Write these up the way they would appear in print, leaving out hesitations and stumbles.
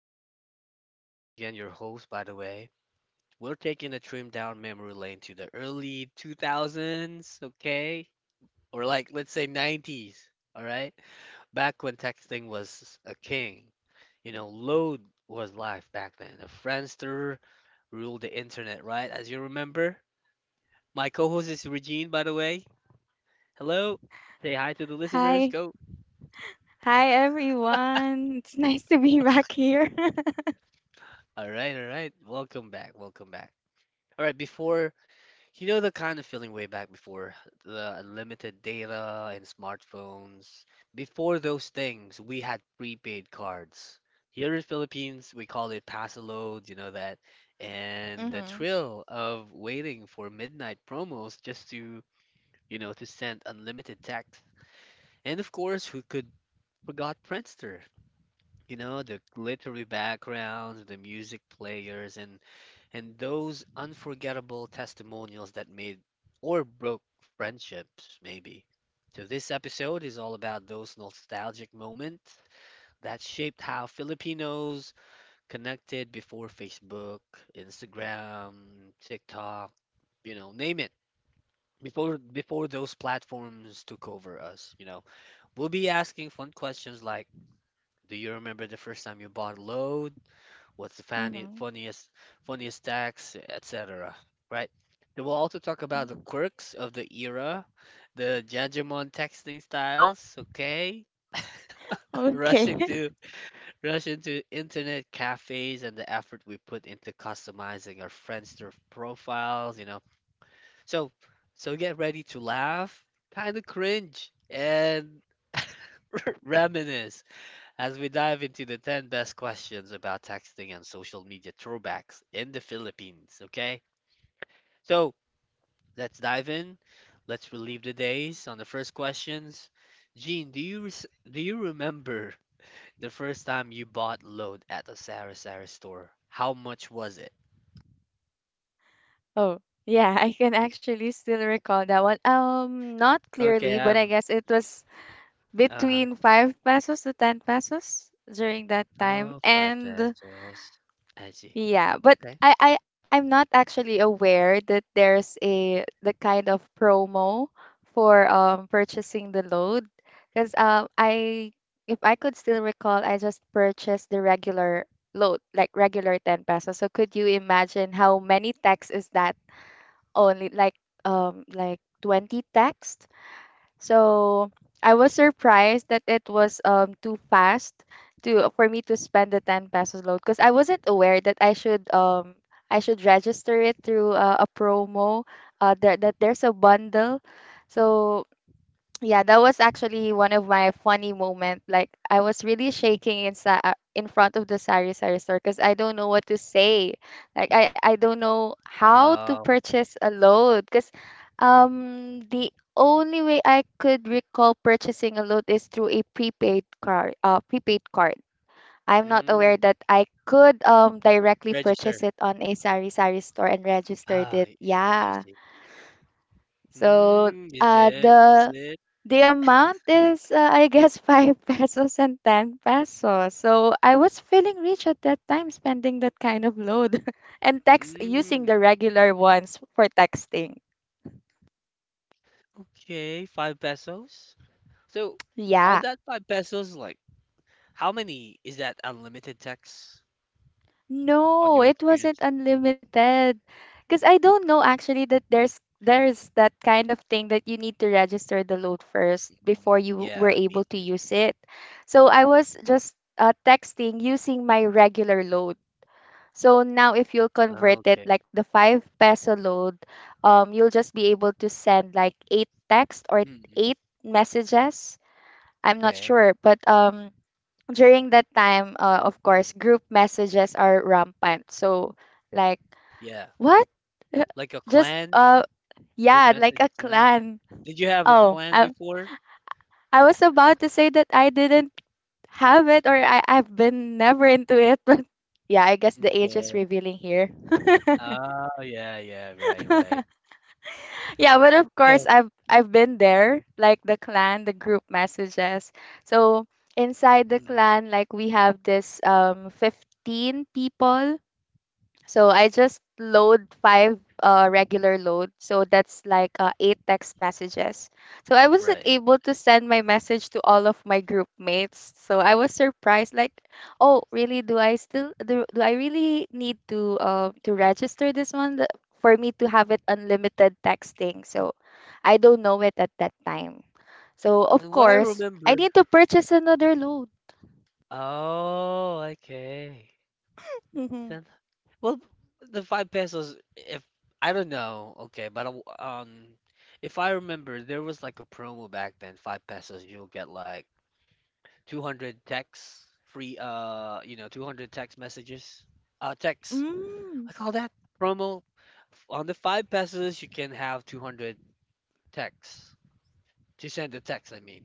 a trim down. This is Jim again, your host, by the way. We're taking a trim down memory lane to the early 2000s, okay? Or like, let's say 90s, all right? Back when texting was a king. Load was life back then. A Friendster ruled the internet, right? As you remember. My co-host is Regine, by the way. Hello. Say hi to the listeners. Hi. Go. Hi, everyone. It's nice to be back here. All right, all right. Welcome back. Welcome back. All right, before, the kind of feeling way back before the unlimited data and smartphones, before those things, we had prepaid cards. Here in Philippines, we call it Pasalode, you know that. And the thrill of waiting for midnight promos just to send unlimited text. And of course, who could forgot Friendster? The glittery backgrounds, the music players, and those unforgettable testimonials that made or broke friendships, maybe. So, this episode is all about those nostalgic moments that shaped how Filipinos connected before Facebook, Instagram, TikTok, name it. Before those platforms took over us. We'll be asking fun questions like, do you remember the first time you bought a load? What's the funny, Mm-hmm. funniest funniest acts, etc.? Right? Then we'll also talk about the quirks of the era, the Jajamon texting styles, okay? Okay. Rushing to rushing to internet cafes and the effort we put into customizing our Friendster profiles. So so get ready to laugh, kind of cringe, and reminisce as we dive into the 10 best questions about texting and social media throwbacks in the Philippines, okay? So let's dive in. Let's relieve the days on the first questions. Jean, do you remember the first time you bought load at a Sara Sara store? How much was it? Oh, yeah, I can actually still recall that one. Not Okay, clearly, but I guess it was uh-huh. between 5 pesos to 10 pesos during that time. Oh, five And pesos. I see. yeah, but Okay. I'm not actually aware that there's a the kind of promo for purchasing the load, because I if I could still recall, I just purchased the regular load, like regular 10 pesos. So could you imagine how many texts is that? Only like 20 texts. So I was surprised that it was too fast to for me to spend the 10 pesos load, because I wasn't aware that I should register it through a promo, that there's a bundle. So yeah, that was actually one of my funny moment. Like, I was really shaking in front of the sari sari store, because I don't know what to say. Like, I don't know how to Oh, purchase a load, because the only way I could recall purchasing a load is through a prepaid card. I'm not aware mm, that I could directly purchase register. it on a sari sari store and registered Ah, it. I Yeah. see. So Mm, is it? Is the it? Amount is, I guess, 5 pesos and 10 pesos. So I was feeling rich at that time, spending that kind of load, and text using Mm, the regular ones for texting. okay, 5 pesos. So on Yeah. that 5 pesos, like how many is that unlimited text on No, your it wasn't experience? unlimited. Because I don't know actually that there's that kind of thing, that you need to register the load first Mm, before you were yeah, able me to too. use it. So I was just texting using my regular load. So now, if you'll Ah, convert it okay. like the 5 peso load, you'll just be able to send like 8 text or Mm, 8 messages. I'm not okay. sure, but during that time, of course, group messages are rampant. So like, Yeah. what? Like a Just clan, group Yeah, like message a clan. clan. Did you have a Oh, clan I before? I was about to say that I didn't have it, or I've been never into it, but yeah, I guess the age is Okay. revealing here. Oh, yeah, yeah, right, right. Yeah, but of course Yeah. I've been there, like the clan, the group messages. So inside the Mhm. clan, like, we have this 15 people, so I just load five regular load. So that's like 8 text messages. So I wasn't Right. able to send my message to all of my group mates. So I was surprised, like, oh, really? Do I really need to register this one for me to have it unlimited texting? So I don't know it at that time. So of And what I course, I remember, need to purchase another load. oh, okay. Mm-hmm. Well, the 5 pesos, if I don't know, okay, but if I remember, there was like a promo back then, 5 pesos, you'll get like 200 texts, free, 200 text messages, texts. Mm. I call that promo. On the 5 pesos, you can have 200 texts to send the text, I mean.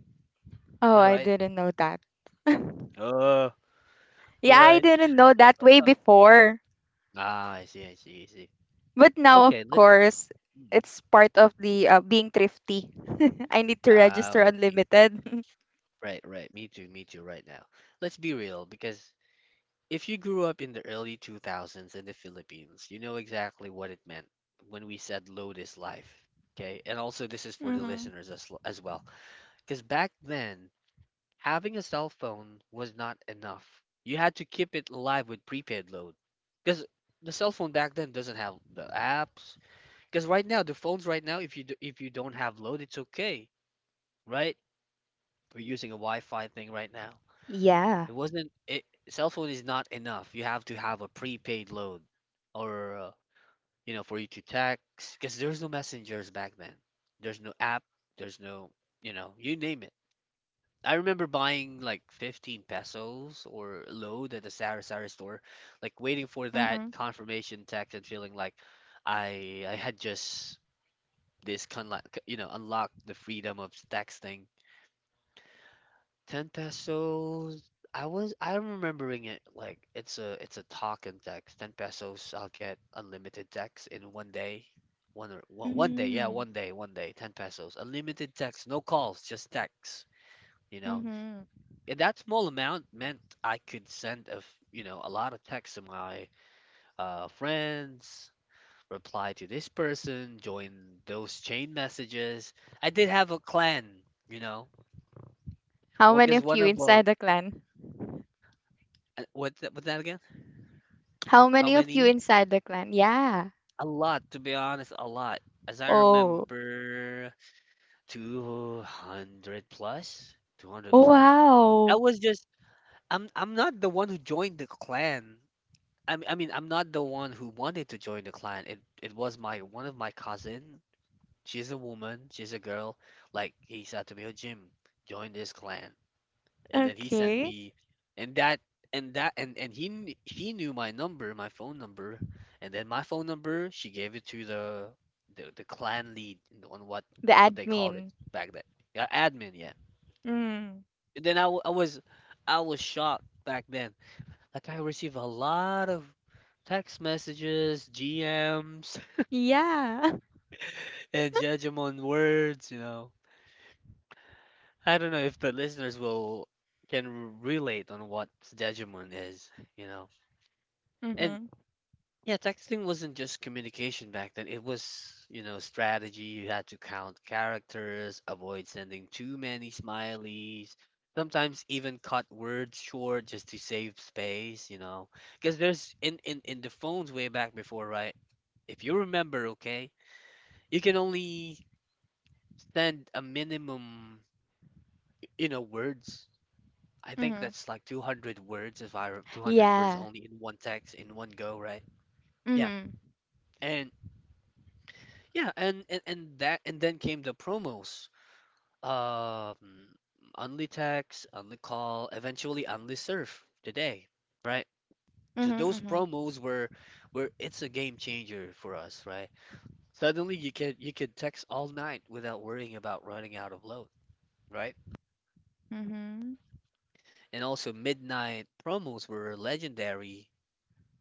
Is Oh, that I right? didn't know that. Oh, Yeah, I right. didn't know that way Uh, before. I see, I see, I see. But now, of Okay, let's. course, it's part of the being thrifty. I need to Ah, register I see. unlimited. Right, right. Me too, right now. Let's be real, because if you grew up in the early 2000s in the Philippines, you know exactly what it meant when we said load is life. Okay? And also, this is for the Mhm. listeners as well. Because back then, having a cell phone was not enough. You had to keep it alive with prepaid load. Because the cell phone back then doesn't have the apps. Because right now, the phones right now, if you don't have load, it's okay, right? We're using a Wi-Fi thing right now. Yeah. It wasn't it, cell phone is not enough. You have to have a prepaid load or for you to text because there's no messengers back then. There's no app, there's no, you name it. I remember buying like 15 pesos or load at the Sari Sari store, like waiting for that Mhm. confirmation text and feeling like I had just this kind like unlocked the freedom of texting 10 pesos. I'm remembering it like it's a talk and text. 10 pesos, I'll get unlimited text in one day. One day, yeah, Mm. One day, 10 pesos. Unlimited text, no calls, just text, you know. Mhm. And that small amount meant I could send a, f- you know, a lot of texts to my friends, reply to this person, join those chain messages. I did have a clan, you know. How What many is of one you of inside the clan? What that again? How How many of you many? inside the clan? Yeah. A lot, to be honest, a lot. As I Oh. remember, 200 plus, 200 Oh, plus. I wow. was just, I'm not the one who joined the clan. I mean, I'm not the one who wanted to join the clan. It was one of my cousin. She's a woman, she's a girl. Like, he said to me, oh, Jim, join this clan. And then he sent Okay. me, and that and that and he knew my phone number. And then my phone number, she gave it to the clan lead, on what The what they called it admin. back then. Yeah, admin. Yeah. Mm. And then I was shocked back then. Like I received a lot of text messages, GMs, Yeah. and judgment words. I don't know if the listeners will can relate on what judgment is you know and Mhm. Yeah, texting wasn't just communication back then. It was strategy. You had to count characters, avoid sending too many smileys, sometimes even cut words short just to save space. Because there's in the phones way back before, right? If you remember, okay, you can only send a minimum, words. I think Mhm. that's like 200 words if I re- 200 words Yeah. only in one text in one go, right? Yeah. Mhm. And Yeah, and that and then came the promos. Um, Only text, only call, eventually only surf today, right? So Mhm. those Mhm. promos were it's a game changer for us, right? Suddenly you could text all night without worrying about running out of load, right? Mhm. And also midnight promos were legendary.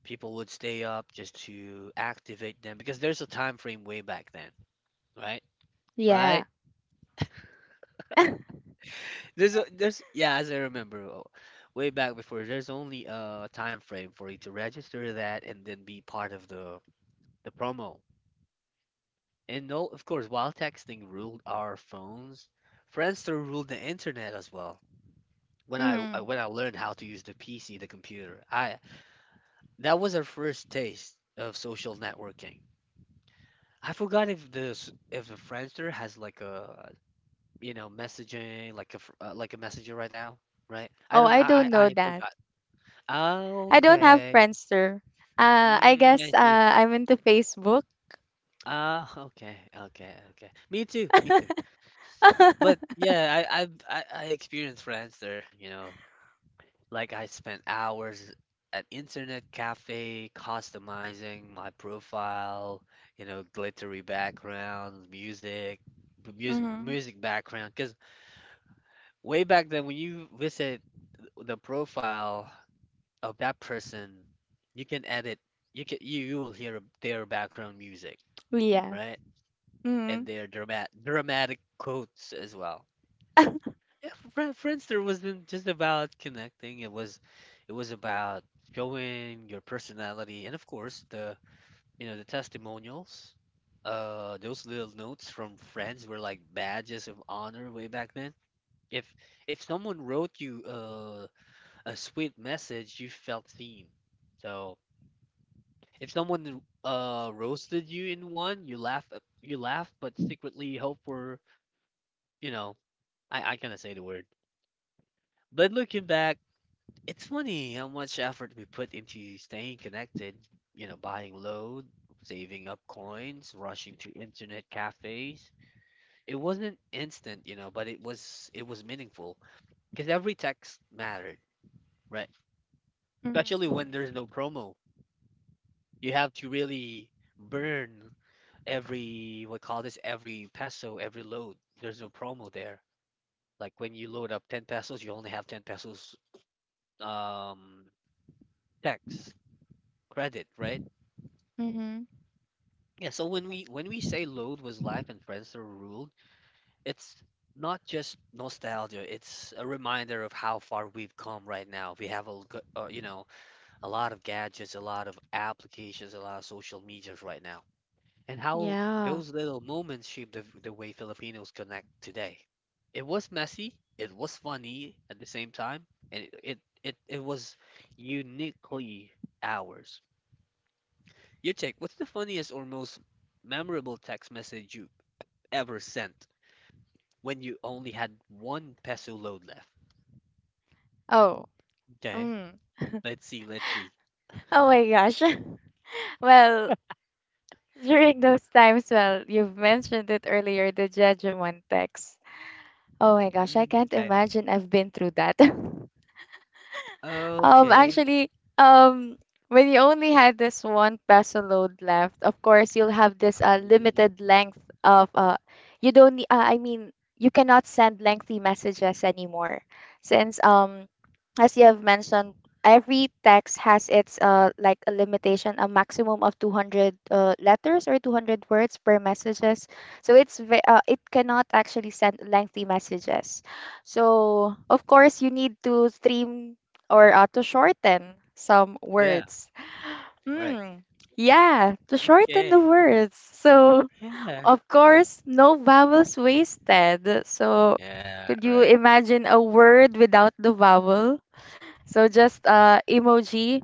People would stay up just to activate them because there's a time frame way back then, right? Yeah. Right? There's yeah, as I remember, way back before, there's only a time frame for you to register that and then be part of the promo. And no, of course, while texting ruled our phones, Friendster ruled the internet as well. When I Mm-hmm. I- when I learned how to use the PC, the computer, I that was our first taste of social networking. I forgot if the Friendster has like a messaging like a messenger right now, right? I Oh, don't I don't know I that. forgot. Oh, I don't have okay. Friendster. I Mm, I guess see. I'm into Facebook. Oh, okay, okay, okay. Me too, me too. But Mm-hmm. yeah, I I've, I experienced friends there. Like I spent hours at internet cafe customizing my profile, glittery background, music background. Because way back then, when you visit the profile of that person, you can edit. You will hear their background music, Yeah. right? And Mm-hmm. their dramatic quotes as well. Yeah, Friendster wasn't just about connecting. It was, about showing your personality, and of course the you know the testimonials. Those little notes from friends were like badges of honor way back then. If if someone wrote you a sweet message, you felt seen. So if someone roasted you in one, you laugh, but secretly hope for you know I cannot say the word. But looking back, it's funny how much effort we put into staying connected, buying low, saving up coins, rushing to internet cafes. It wasn't instant, but it was meaningful because every text mattered, right? Especially Mm-hmm. when there's no promo. You have to really burn every what call this every peso, every load. There's no promo there. Like when you load up 10 pesos, you only have 10 pesos um text credit, right? Mm-hmm. Yeah, so when we say load was life and friends are ruled, it's not just nostalgia, it's a reminder of how far we've come right now. We have a g- you know, a lot of gadgets, a lot of applications, a lot of social medias right now. And how Yeah. those little moments shape the way Filipinos connect today. It was messy, it was funny at the same time, and it was uniquely ours. Your take. What's the funniest or most memorable text message you ever sent when you only had 1 peso load left? Oh. Okay. Mm. Let's see. Let's see. Oh my gosh. Well, during those times, well, you've mentioned it earlier, the Judgment text. Oh my gosh, I Mm, can't okay. imagine I've been through that. Okay. Actually, um, when you only had this 1 peso load left, of course you'll have this Mm, limited length of you don't need. I mean, you cannot send lengthy messages anymore, since as you have mentioned, every text has its like a limitation, a maximum of 200 letters or 200 words per messages. So it's it cannot actually send lengthy messages. So of course, you need to stream or to shorten some yeah. words. Right. Hmm. Yeah, to shorten the Okay. words. So Yeah. of course, no vowels wasted. So Yeah. could you Right. imagine a word without the vowel? So just emoji.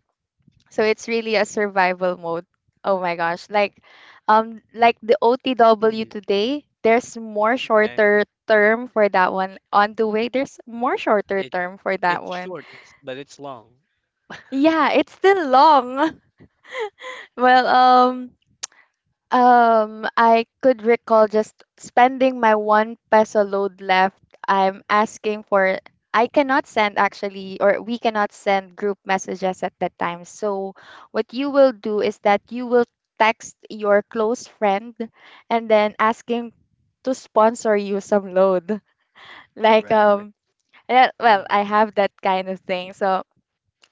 So it's really a survival mode. Oh my gosh. Like, like the OTW Mm, today, there's more okay. shorter term for that one. On the way, there's more shorter It term for that it's one. short. It's but it's long. Yeah, it's still long. Well, I could recall just spending my 1 peso load left. I'm asking for. I cannot send actually, or we cannot send group messages at that time. So what you will do is that you will text your close friend, and then ask him to sponsor you some load. Like, Right. Right. Yeah, well, Mm, I have that kind of thing. So,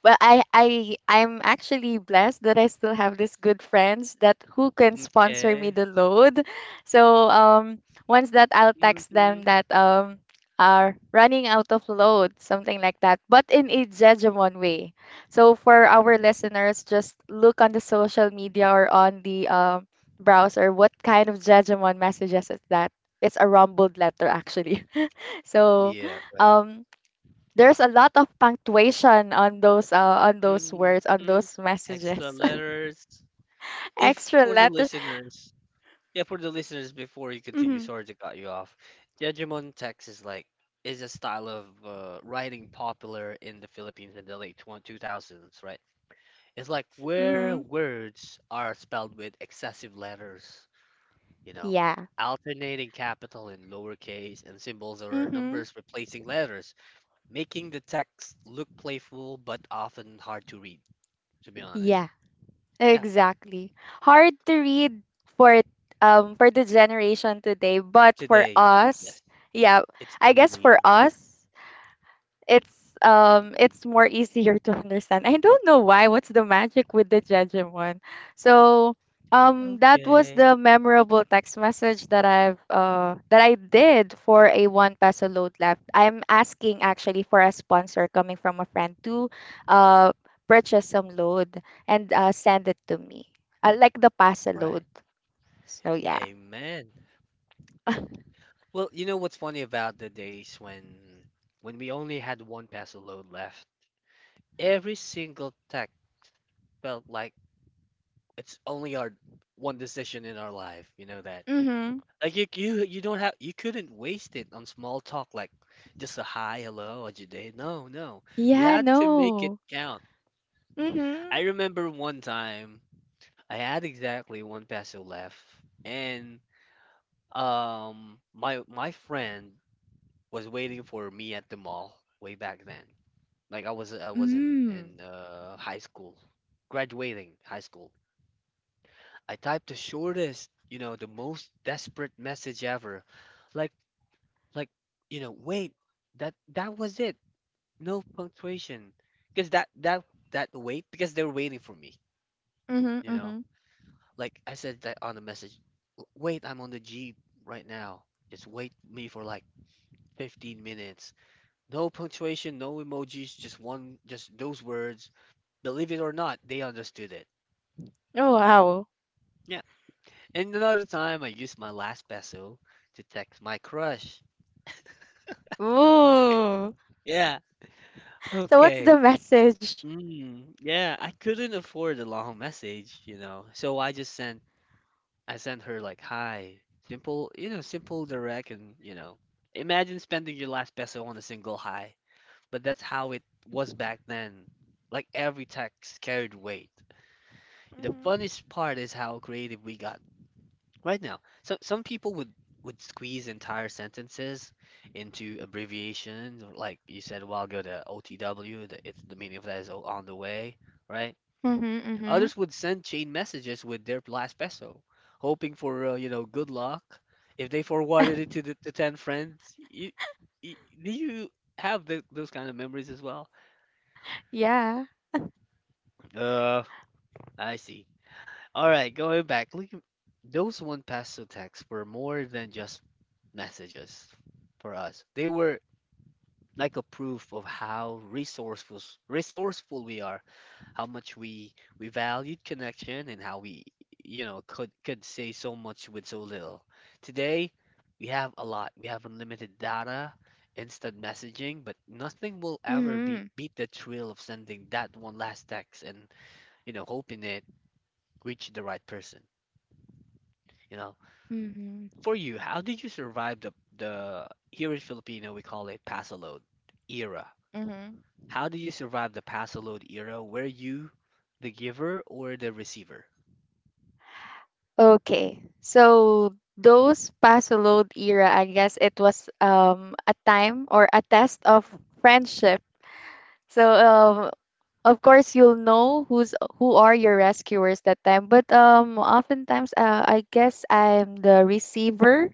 well, I'm actually blessed that I still have these good friends that who can sponsor me okay. the load. So once that I'll text Hmm. them that are running out of load, something like that, but in a Jejomon way. So for our listeners, just look on the social media or on the browser what kind of Jejomon messages is that. It's a rumbled letter actually. So Yeah. Right. um there's a lot of punctuation on those words on hmm those Extra messages. letters. If Extra for the letters. listeners Yeah, for the listeners, before you continue, Mhm. sorry to cut you off. Jejomon text is a style of writing popular in the Philippines in the late 2000s, right? It's like where Mhm. words are spelled with excessive letters, you know, Yeah. alternating capital and lowercase, and symbols or Mhm. numbers replacing letters, making the text look playful but often hard to read, to be honest. Yeah, Yeah, exactly. Hard to read for for the generation today, but for today, yes, us, yeah, it's I guess for easy. us Mm-mm. it's more easier to understand. I don't know why. What's the magic with the Jejimon? So that was Okay. the memorable text message that I've that I did for a 1 peso load left. I'm asking actually for a sponsor coming from a friend to uh purchase some load and send it to me. I like the pasa load. Right. So yeah. Amen. Well, you know what's funny about the days when we only had one peso load left, every single tech felt like it's only our one decision in our life, you know that. Mhm. Like you don't have you couldn't waste it on small talk like just a hi, hello, how's your day? No, no. You Yeah, had to make it no. count. I Mhm. remember one time I had exactly one peso left and my friend was waiting for me at the mall way back then. Like I was Mm. in high school, graduating high school. I typed the shortest, you know, the most desperate message ever. Like like you know, wait, that was it. No punctuation. Because that wait because they were waiting for me, Mhm. you know. Mhm. Like I said that on the message, Wait, I'm on the Jeep right now. Just wait me for like 15 minutes." No punctuation, no emojis, just one, just those words. Believe it or not, they understood it. Oh, wow. Yeah. And another time, I used my last peso to text my crush. Ooh. Yeah. So what's Okay. the message? Mm, yeah. I couldn't afford a long message, you know, so I sent her like, "Hi." Simple, you know, simple, direct, and you know, imagine spending your last peso on a single hi. But that's how it was back then. Like every text carried weight. The Mm-hmm. funniest part is how creative we got right now. So some people would squeeze entire sentences into abbreviations, or like you said a while ago, the OTW. The, it's the meaning of that is on the way, right? Mm-hmm. Mm-hmm. Others would send chain messages with their last peso, hoping for you know, good luck. If they forwarded it to the ten friends, you, do you have those kind of memories as well? Yeah. Uh, I see. All right, going back, look, those one pass to text were more than just messages for us. They were like a proof of how resourceful we are, how much we valued connection, and how we you know could say so much with so little. Today, we have a lot. We have unlimited data, instant messaging, but nothing will ever Mm-hmm. Beat the thrill of sending that one last text, and you know hoping it reached the right person. You know. Mm-hmm. For you, how did you survive the here in Filipino we call it pasalod era? Mm-hmm. How did you survive the pasalod era? Were you the giver or the receiver? Okay. So those Pasolod era, I guess it was a time or a test of friendship. So of course, you'll know who are your rescuers that time, but oftentimes I guess I'm the receiver.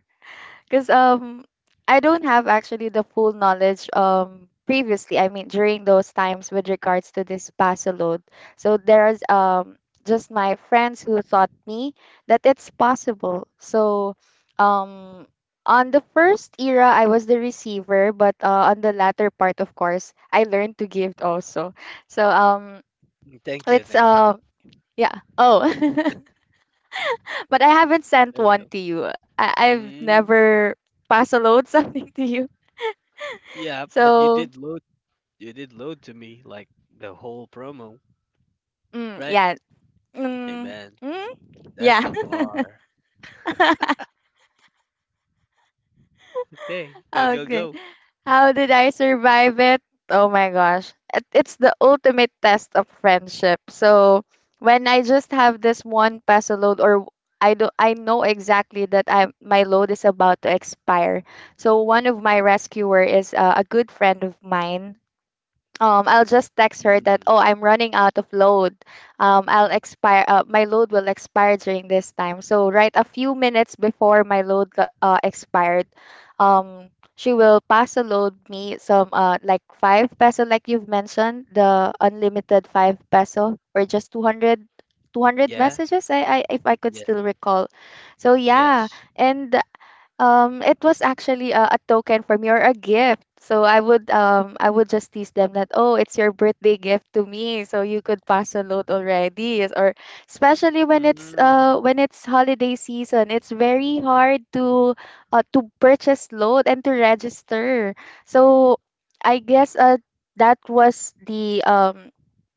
Because I don't have actually the full knowledge previously. I mean, during those times with regards to this paso load. So there's just my friends who taught me that it's possible. Um. On the first era, I was the receiver, but on the latter part, of course, I learned to give also. So Mm, let's thank you. Yeah. Oh, but I haven't sent There you one go. to you. I've Mm, never pass a load something to you. yeah, but So, you did load to me like the whole promo, mm, right? yeah. Mm, Amen. mm, That's yeah. a bar. Okay, Okay. go. How did I survive it? Oh my gosh. It's the ultimate test of friendship. So when I just have this 1 peso load, or I know exactly that I my load is about to expire. So one of my rescuer is a good friend of mine, I'll just text her that, Mm, oh, I'm running out of load. I'll expire. My load will expire during this time. So right a few minutes before my load expired, um, she will pass a load me some like 5 peso, like you've mentioned, the unlimited 5 peso, or just 200 yeah, messages. I if I could yeah, still recall. So yeah, yes. and it was actually a token for me or a gift. So I would just tease them that, oh, it's your birthday gift to me, so you could pass a load already. Yes, or especially Mm, when it's holiday season, it's very hard to purchase load and to register. So I guess that was the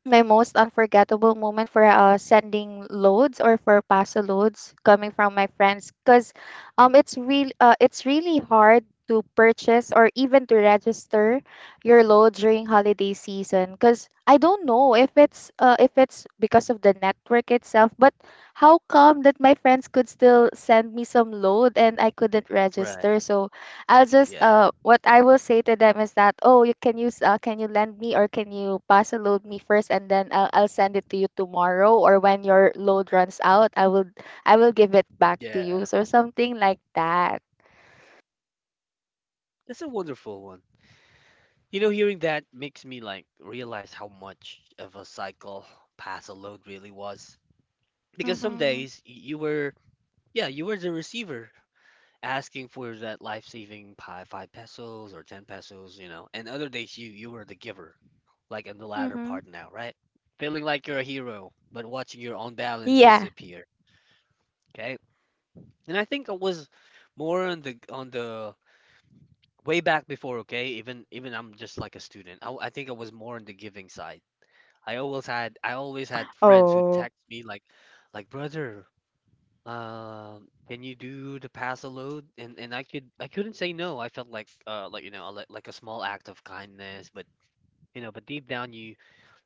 my most unforgettable moment for sending loads or for pass loads coming from my friends. Because it's really hard to purchase or even to register your load during holiday season, because I don't know if it's because of the network itself. But how come that my friends could still send me some load and I couldn't right. register? So I'll just Yeah, what I will say to them is that, oh, you can use can you lend me, or can you parcel load me first, and then I'll send it to you tomorrow, or when your load runs out, I will give it back to you, yeah. or something like that. That's a wonderful one. You know, hearing that makes me like realize how much of a cycle pass a load really was. Because some Mm-hmm. days you were, yeah, you were the receiver asking for that life-saving pi five pesos or ten pesos, you know, and other days you were the giver, like in the latter Mm-hmm. part now, right? Feeling like you're a hero, but watching your own balance Yeah. disappear. Okay, and I think I was more on the way back before. Okay, even I'm just like a student. I think I was more on the giving side. I always had friends who Oh. text me like brother, can you do the pass a load? And I could I couldn't say no. I felt like you know like a small act of kindness, but you know, but deep down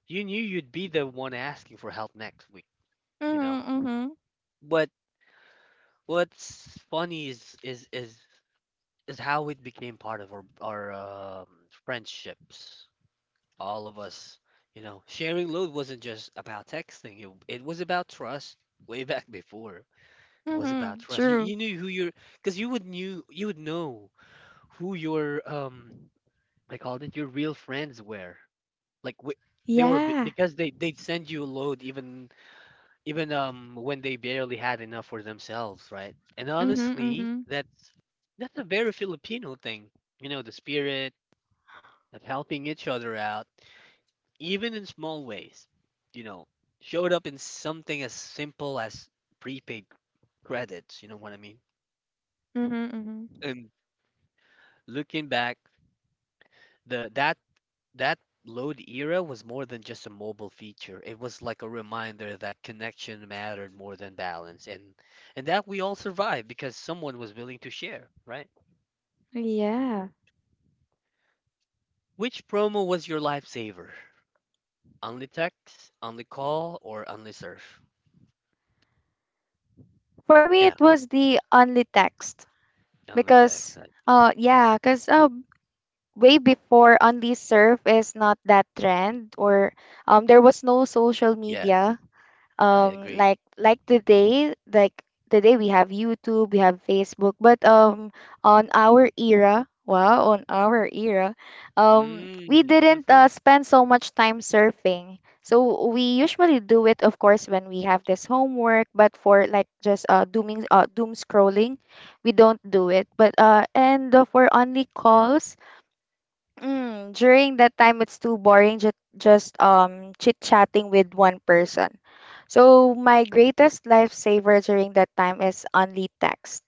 you knew you'd be the one asking for help next week, you know. Mm-hmm. Mm-hmm. But what's funny is is how it became part of our friendships. All of us, you know, sharing load wasn't just about texting. It was about trust way back before. It was about Mm-hmm. trust. True. You knew who your, because you would know who your I called it your real friends were. Like wh- they were Yeah. because they'd send you a load even when they barely had enough for themselves, right? And Mm-hmm. honestly, Mm-hmm. That's a very Filipino thing. You know, the spirit of helping each other out even in small ways, you know, showed up in something as simple as prepaid credits, you know what I mean? Mm-hmm. Mm-hmm. And looking back, the that load era was more than just a mobile feature. It was like a reminder that connection mattered more than balance, and that we all survived because someone was willing to share, right? Yeah. Which promo was your lifesaver? Only text, only call, or only surf? For me, Yeah, it was the only text only text. because, Like, yeah, because way before only surf is not that trend or there was no social yeah, media I um agree. like like today. Today we have YouTube, we have Facebook, but on our era, wow, on our era we Mm, didn't mhm. Spend so much time surfing, so we usually do it of course when we have this homework, but for like just doom scrolling, we don't do it. But and For only calls, mm, during that time, it's too boring just chit-chatting with one person. So my greatest lifesaver during that time is only text.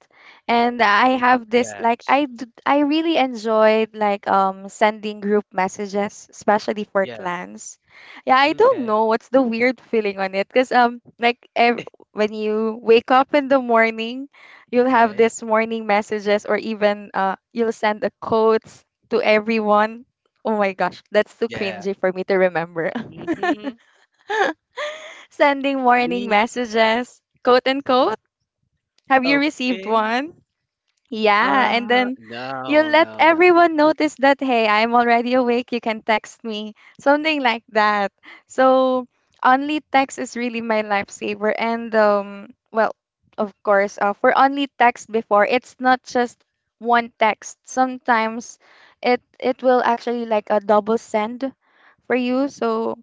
And I have this like Yes. I d- I really enjoyed like sending group messages, especially for Yeah. clans. Yeah, I Okay. don't Okay. know what's the weird feeling on it because when you wake up in the morning, you'll have this morning messages, or even you'll send a quote to everyone. Oh my gosh, that's too Yeah. cringy for me to remember. Mhm. Sending warning Me? messages, quote unquote. Have you received Okay. one? Yeah, and then you No, let no, no. everyone notice that, hey, I'm already awake, you can text me, something like that. So, only text is really my lifesaver. Of course, for only text before, it's not just one text. Sometimes it will actually like a double send for you. So,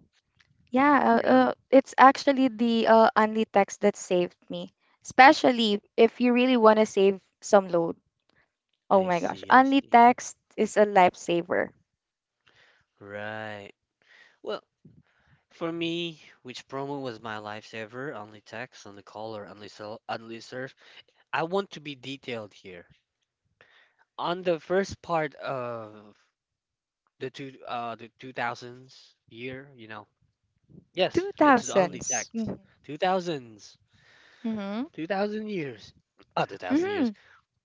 yeah, Yep. It's actually the only text that saved me, especially if you really want to save some load. Oh I my gosh. see, I Only see. text is a lifesaver. Right. Well, for me, which promo was my lifesaver? Only text, only call, or only surf. I want to be detailed here. On the first part of the two, the 2000s year, you know. Yes, it's the only 2000s. text. 2000s. Mhm. 2000 years. Oh, 1000 years. Mhm.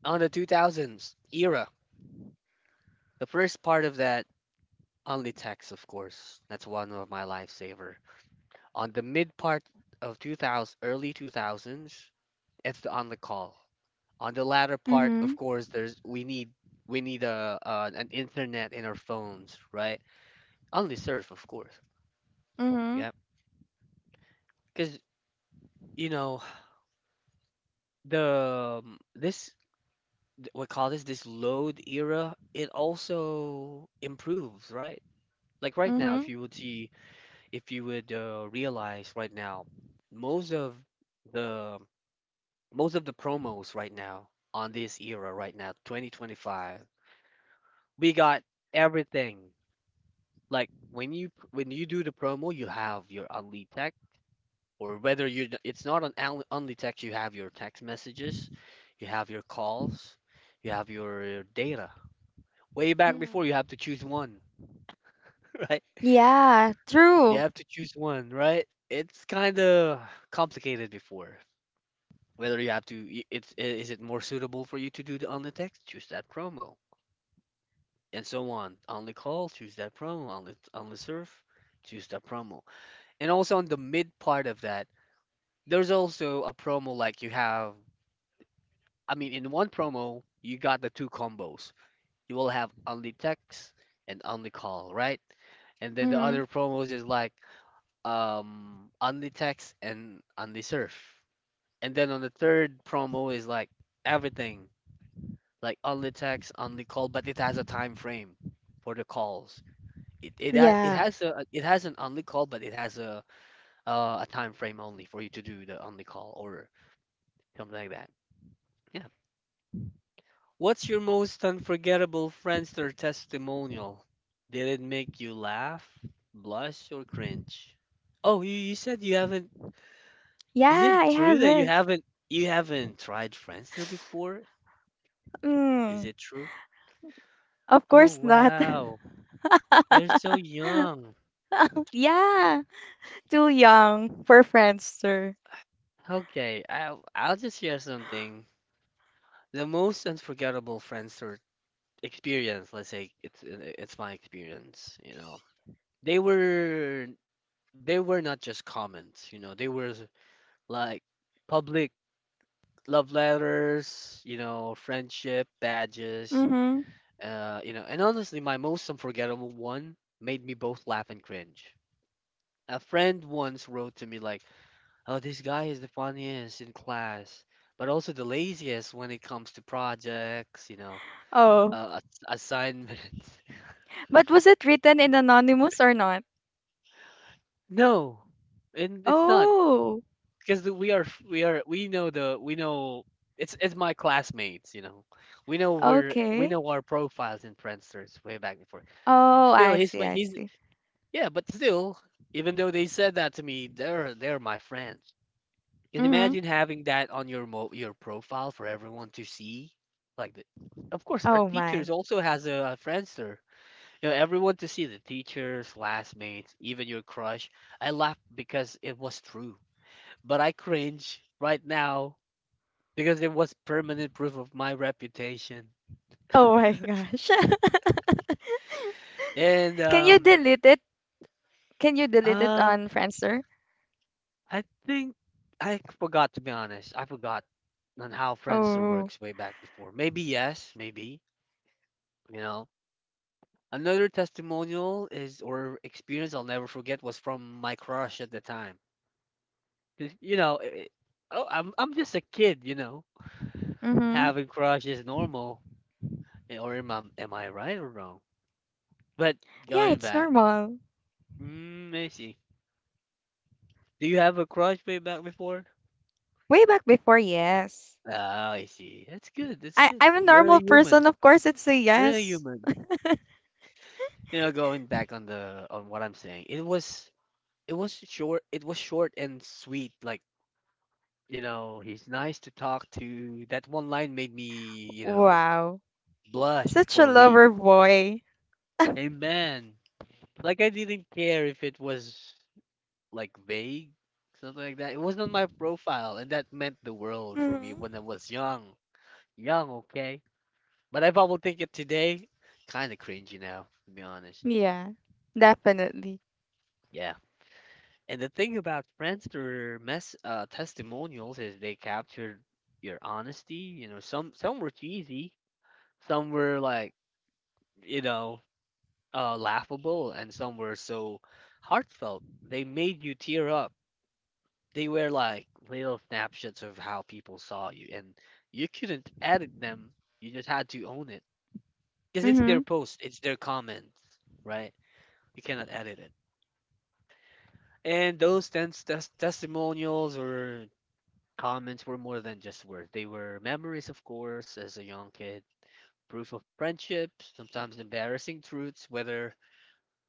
On the 2000s era. The first part of that, only text, of course. That's one of my lifesaver. On the mid part of 2000, early 2000s, it's the on the call. On the latter part, Mhm. of course, there's we need a, uh, an internet in our phones, right? Only surf, of course. Mhm. Mhm. Yeah, because you know the this we call this load era. It also improves, right? Like right now, Mhm. if you would see, if you would realize right now, most of the most of the promos right now on this era right now, 2025, we got everything. Like when you do the promo, you have your Unlead Tech, or whether you it's not on Unlead Tech, you have your text messages, you have your calls, you have your data. Way back Mhm. before, you have to choose one, right? Yeah, You true. have to choose one, right? It's kind of complicated before. Whether you have to, is it more suitable for you to do the on the text? Choose that promo, and so on. On the call, choose that promo. On the surf, choose that promo. And also on the mid part of that, there's also a promo like you have. I mean, in one promo, you got the two combos. You will have only text and only call, right? And then the Mhm. other promos is like only text and only surf. And then on the third promo is like everything, like only text, only call, but it has a time frame for the calls. It Yeah. has a it has an only call, but it has a time frame only for you to do the only call or something like that. Yeah. What's your most unforgettable Friendster testimonial? Did it make you laugh, blush, or cringe? Oh, you said you haven't. Yeah, Is I it true have that it. You haven't tried Friendster before? Is Mm. it true? Of Oh course not. wow, you're so young. Yeah, too young for Friendster. Okay, I'll just share something. The most unforgettable Friendster experience, let's say it's my experience, you know. They were they were not just comments, you know. They were like public love letters, you know, friendship badges, Mhm. You know. And honestly, my most unforgettable one made me both laugh and cringe. A friend once wrote to me like, "Oh, this guy is the funniest in class, but also the laziest when it comes to projects," you know, Oh, assignments. but was it written in anonymous or not? No, and it's not Oh, because we are we know the we know it's my classmates, you know. We okay. know our profiles in Friendsters way back before. Oh, Still, I he's see. my I he's see. yeah, but still, even though they said that to me, they're my friends. Can Mhm. imagine having that on your your profile for everyone to see? Like, the, of course, our Oh teachers my. also has a Friendster. You know, everyone to see the teachers, classmates, even your crush. I laughed because it was true, but I cringe right now because it was permanent proof of my reputation. Oh my gosh. And Can you delete it? Can you delete it um, on Friendster? I think I forgot to be honest. I forgot on how Friendster Oh. works way back before. Maybe yes, maybe you know. Another testimonial is or experience I'll never forget was from my crush at the time. 'Cause, you know, I oh, I'm just a kid, you know. Mm-hmm. Having crush is normal. Eh, or am I right or wrong? But Yeah, going it's back, normal. mm, I see. Do you have a crush way back before? Way back before, yes. Ah, I see. That's good. That's I, good. I'm a You're a normal human. person, of course it's a You're a yes. human. You know, going back on the on what I'm saying, it was short. It was short and sweet. Like, you know, he's nice to talk to. That one line made me, Wow. blush Such for a a week. lover boy. Amen. Like I didn't care if it was like vague, something like that. It was on my profile, and that meant the world for me Mm-hmm. when I was young. Young, okay. But if I will think it today, kind of cringy now, to be honest. Yeah, definitely. Yeah. And the thing about Friendster mess testimonials is they captured your honesty. You know, some were cheesy, some were like, you know, laughable, and some were so heartfelt. They made you tear up. They were like little snapshots of how people saw you, and you couldn't edit them. You just had to own it because it's Mm-hmm. their post, it's their comments, right? You cannot edit it. And those testimonials or comments were more than just words. They were memories, of course, as a young kid, proof of friendship, sometimes embarrassing truths, whether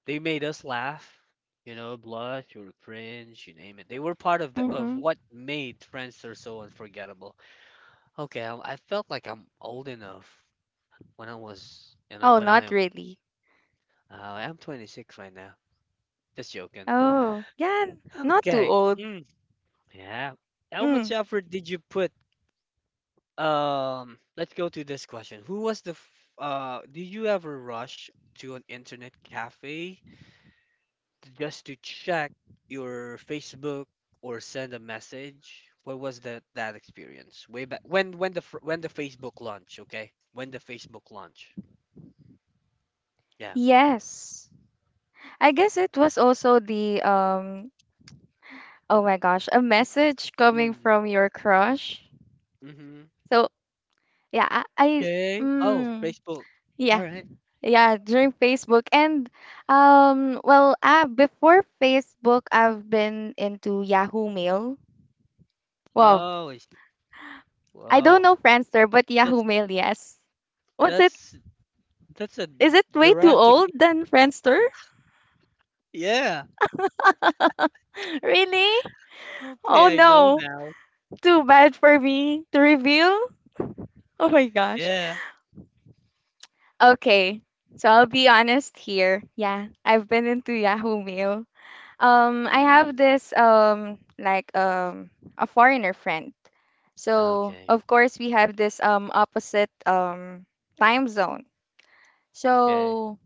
they made us laugh, blush or cringe, you name it. They were part of the Mm-hmm. of what made Friendster so unforgettable. Okay, I felt like I'm old enough Oh, when not I am, really. I'm 26 right now. Just joking. Oh, yeah, not too Okay, old. mm, yeah. How Mm. much effort did you put? Let's go to this question. Who was the, f- did you ever rush to an internet cafe just to check your Facebook or send a message? What was that experience? Way back when when the Facebook launch, okay? When the Facebook launch. Yeah. Yes. I guess it was also the oh my gosh, a message coming Mm. from your crush. Mm-hmm. So yeah, I Okay. Oh, mm, Facebook. yeah All right. yeah during Facebook and before Facebook I've been into Yahoo Mail. Well, Oh, I see. I don't Wow. know Friendster, but Yahoo That's Mail yes. What's it? that's that's a Is it way too Jurassic. old than Friendster? Yeah. Really? Okay, Oh I know no, now. too bad for me to reveal. Oh my gosh. Yeah. Okay, so I'll be honest here. Yeah, I've been into Yahoo Mail. I Mm. have this a foreigner friend. So Okay. of course we have this opposite time zone. Okay. So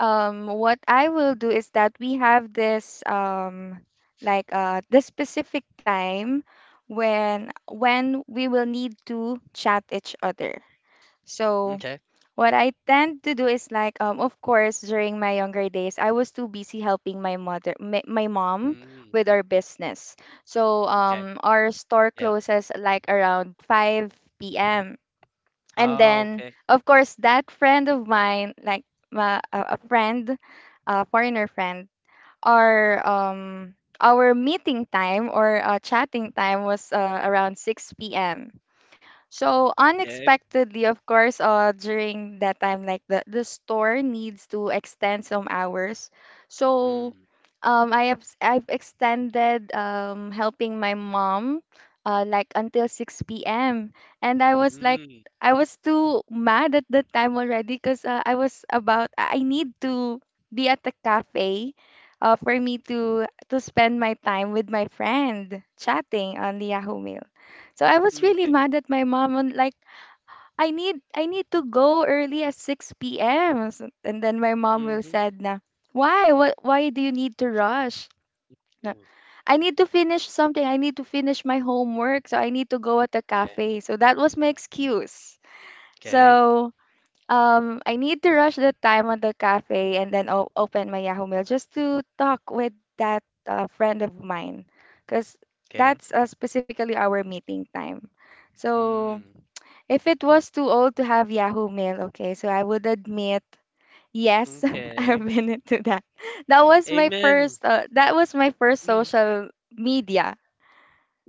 what I will do is that we have this this specific time when we will need to chat each other. So Okay. what I tend to do is like, of course, during my younger days, I was too busy helping my mother, my mom, Mm. with our business. So, Okay. Our store Yeah. closes like around 5 p.m. And Oh, then, okay. of course, that friend of mine, like my, a friend, a foreigner friend, our um our meeting time or chatting time was around 6 p.m. So Okay. unexpectedly, of course, during that time, like the store needs to extend some hours. So Mm. I have I I've extended helping my mom like until 6 p.m. And I was like, Mm, I was too mad at the time already because I was about, I need to be at the cafe, for me to spend my time with my friend chatting on the Yahoo Mail. So I was really okay. mad at my mom and like I need to go early at 6 p.m. or some- and then my mom will Mhm. said na, why, what, why do you need to rush? Na, Mm, I need to finish something. I need to finish my homework. So I need to go at the okay. cafe. So that was my excuse. So I need to rush the time at the cafe and then o- open my Yahoo Mail just to talk with that friend of mine because Okay. that's specifically our meeting time. So Mm, if it was too old to have Yahoo Mail, okay, so I would admit, yes, I've okay. been into that. That was my Amen. first. That was my first Mm, social media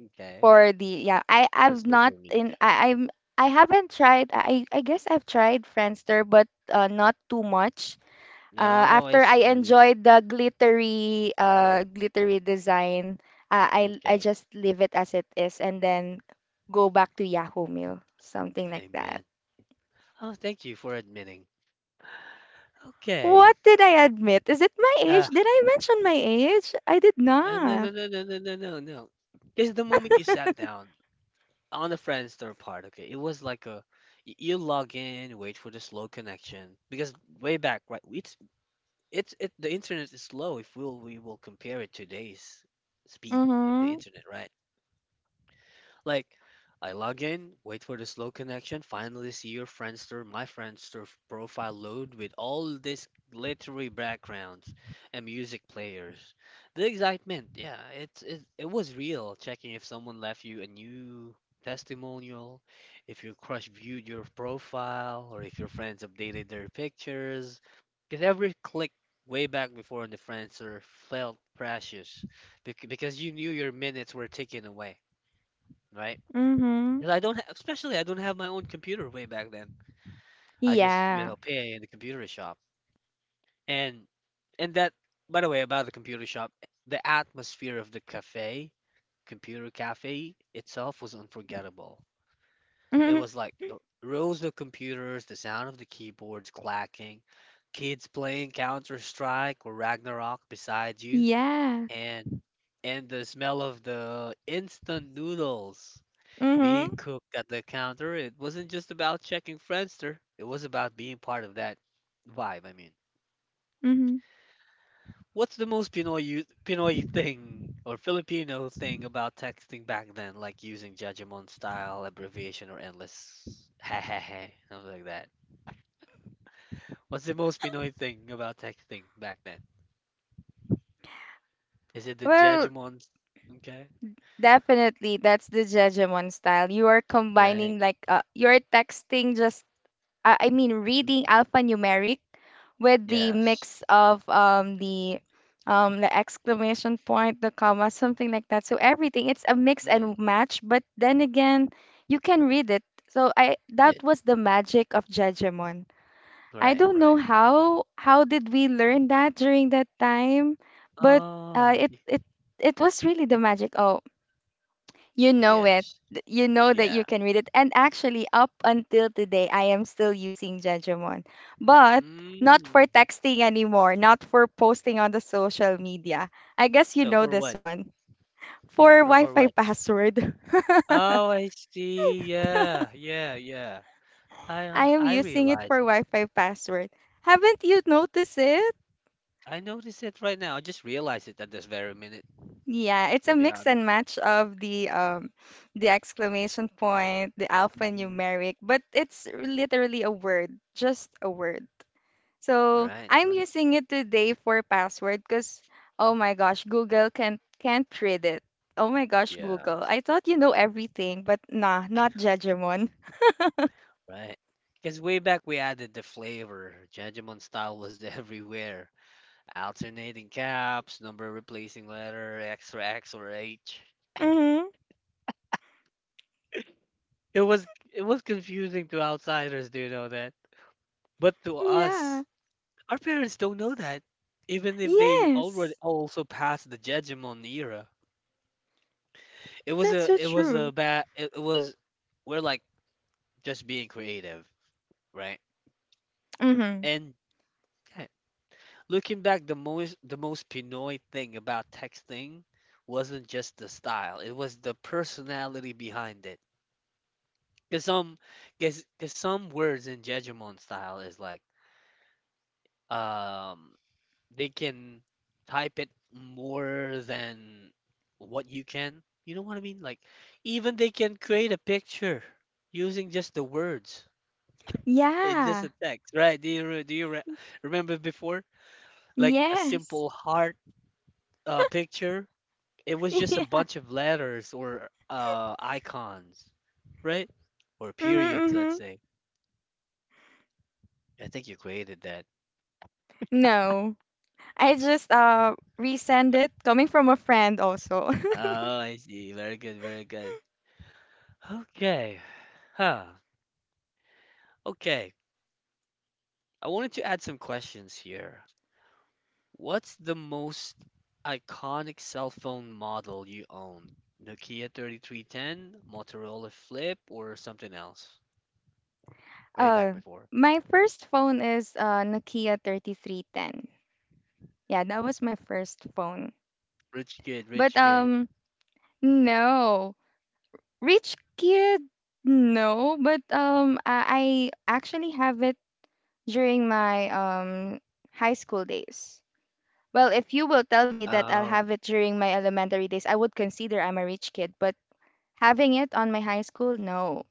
okay. for the yeah. I For I've not social in. media. I I'm. I haven't tried. I guess I've tried Friendster, but not too much. No, I After I see. enjoyed the glittery design, I Okay. just leave it as it is, and then go back to Yahoo Mail, something like that. Amen. Oh, thank you for admitting. Okay. What did I admit? Is it my age? Uh, Did I mention my age? I did uh, no, no, not. no, no, no, no, no, no. Because the moment you sat down on the Friendster part, okay, it was like a you log in, wait for the slow connection. Because way back, right? It's it The internet is slow if we will compare it to today's speed of the Mhm. internet, right? Like, I log in, wait for the slow connection, finally see your Friendster, my Friendster profile load with all these glittery backgrounds and music players. The excitement, yeah, it was real. Checking if someone left you a new testimonial, if your crush viewed your profile, or if your friends updated their pictures. Because every click way back before in the Friendster felt precious because you knew your minutes were ticking away, right? Mhm. 'Cause I don't, ha- Especially I don't have my own computer way back then. I just, you Yeah. know, pay in the computer shop. And and that, by the way, about the computer shop, the atmosphere of the cafe, computer cafe itself was unforgettable. It Mhm. was like the rows of computers, the sound of the keyboards clacking, kids playing Counter Strike or Ragnarok beside you, Yeah. and and the smell of the instant noodles being Mhm. cook at the counter. It wasn't just about checking Friendster. It was about being part of that vibe, I mean. Mhm. What's the most Pinoy thing or Filipino thing about texting back then, like using Jajamon style abbreviation or endless ha ha ha, something like that? What's the most Pinoy thing about texting back then? Is it the Well, Jajamon? Okay, definitely that's the Jejemon style. You are right. combining like you're texting just I mean Mm, reading alphanumeric with the yes. mix of the exclamation point, the comma, something like that. So everything it's a mix Mm, and match, but then again, you can read it. So I yeah. that was the magic of Judgemon. I Right. don't know Right. how did we learn that during that time, but Oh, uh, it y- it it was really the magic. Oh, you know it. yes. Th- You know that Yeah. you can read it. And actually, up until today, I am still using Jejomon, but not Mm. for texting anymore, not for posting on the social media. I guess you So know for this what? one. For Wi For Fi what? password, Oh, I see. Yeah, yeah, yeah. I am I using it realize for it. Wi Fi password. Haven't you noticed it? I notice it right now. I just realized it at this very minute, Yeah, it's a to be mix honest. and match of the exclamation point, the Mm-hmm. alphanumeric, but it's literally a word, just a word. So Right, I'm right. using it today for password because oh my gosh, Google can't read it. Oh my gosh, Google. Yes, I thought you know everything, but nah, not Judgmon. right. Because way back we added the flavor. Judgment style was everywhere. Alternating caps, number replacing letter, extra X or H. Mm-hmm. It was confusing to outsiders, do you know that? But to Yeah. us, our parents don't know that, even if they Yes. already also passed the Jejimon era. That's so It was true. a bad it, it was we're like just being creative, right? Mm-hmm. And yeah, looking back, the most Pinoy thing about texting wasn't just the style; it was the personality behind it. Cause some, cause some words in Jejimon style is like, um, they can type it more than what you can. You know what I mean? Like, even they can create a picture using just the words. It's just Yeah. a text, right? Remember before? Like a Yes. simple heart picture. It was just a Yeah. bunch of letters or icons, right? Or Mm-hmm, periods, let's mm-hmm. say. I think you created that. No. I just resend it coming from a friend also. Oh, I see. Very good, very good. Okay. Huh. Okay. I wanted to add some questions here. What's the most iconic cell phone model you owned? Nokia 3310, Motorola Flip, or something else? Way back uh before. my first phone is Nokia 3310. Yeah, that was my first phone. Rich kid, But rich kid. No. Rich kid? No, but I actually have it during my high school days. Well, if you will tell me that I'll Oh, have it during my elementary days, I would consider I'm a rich kid, but having it on my high school, no.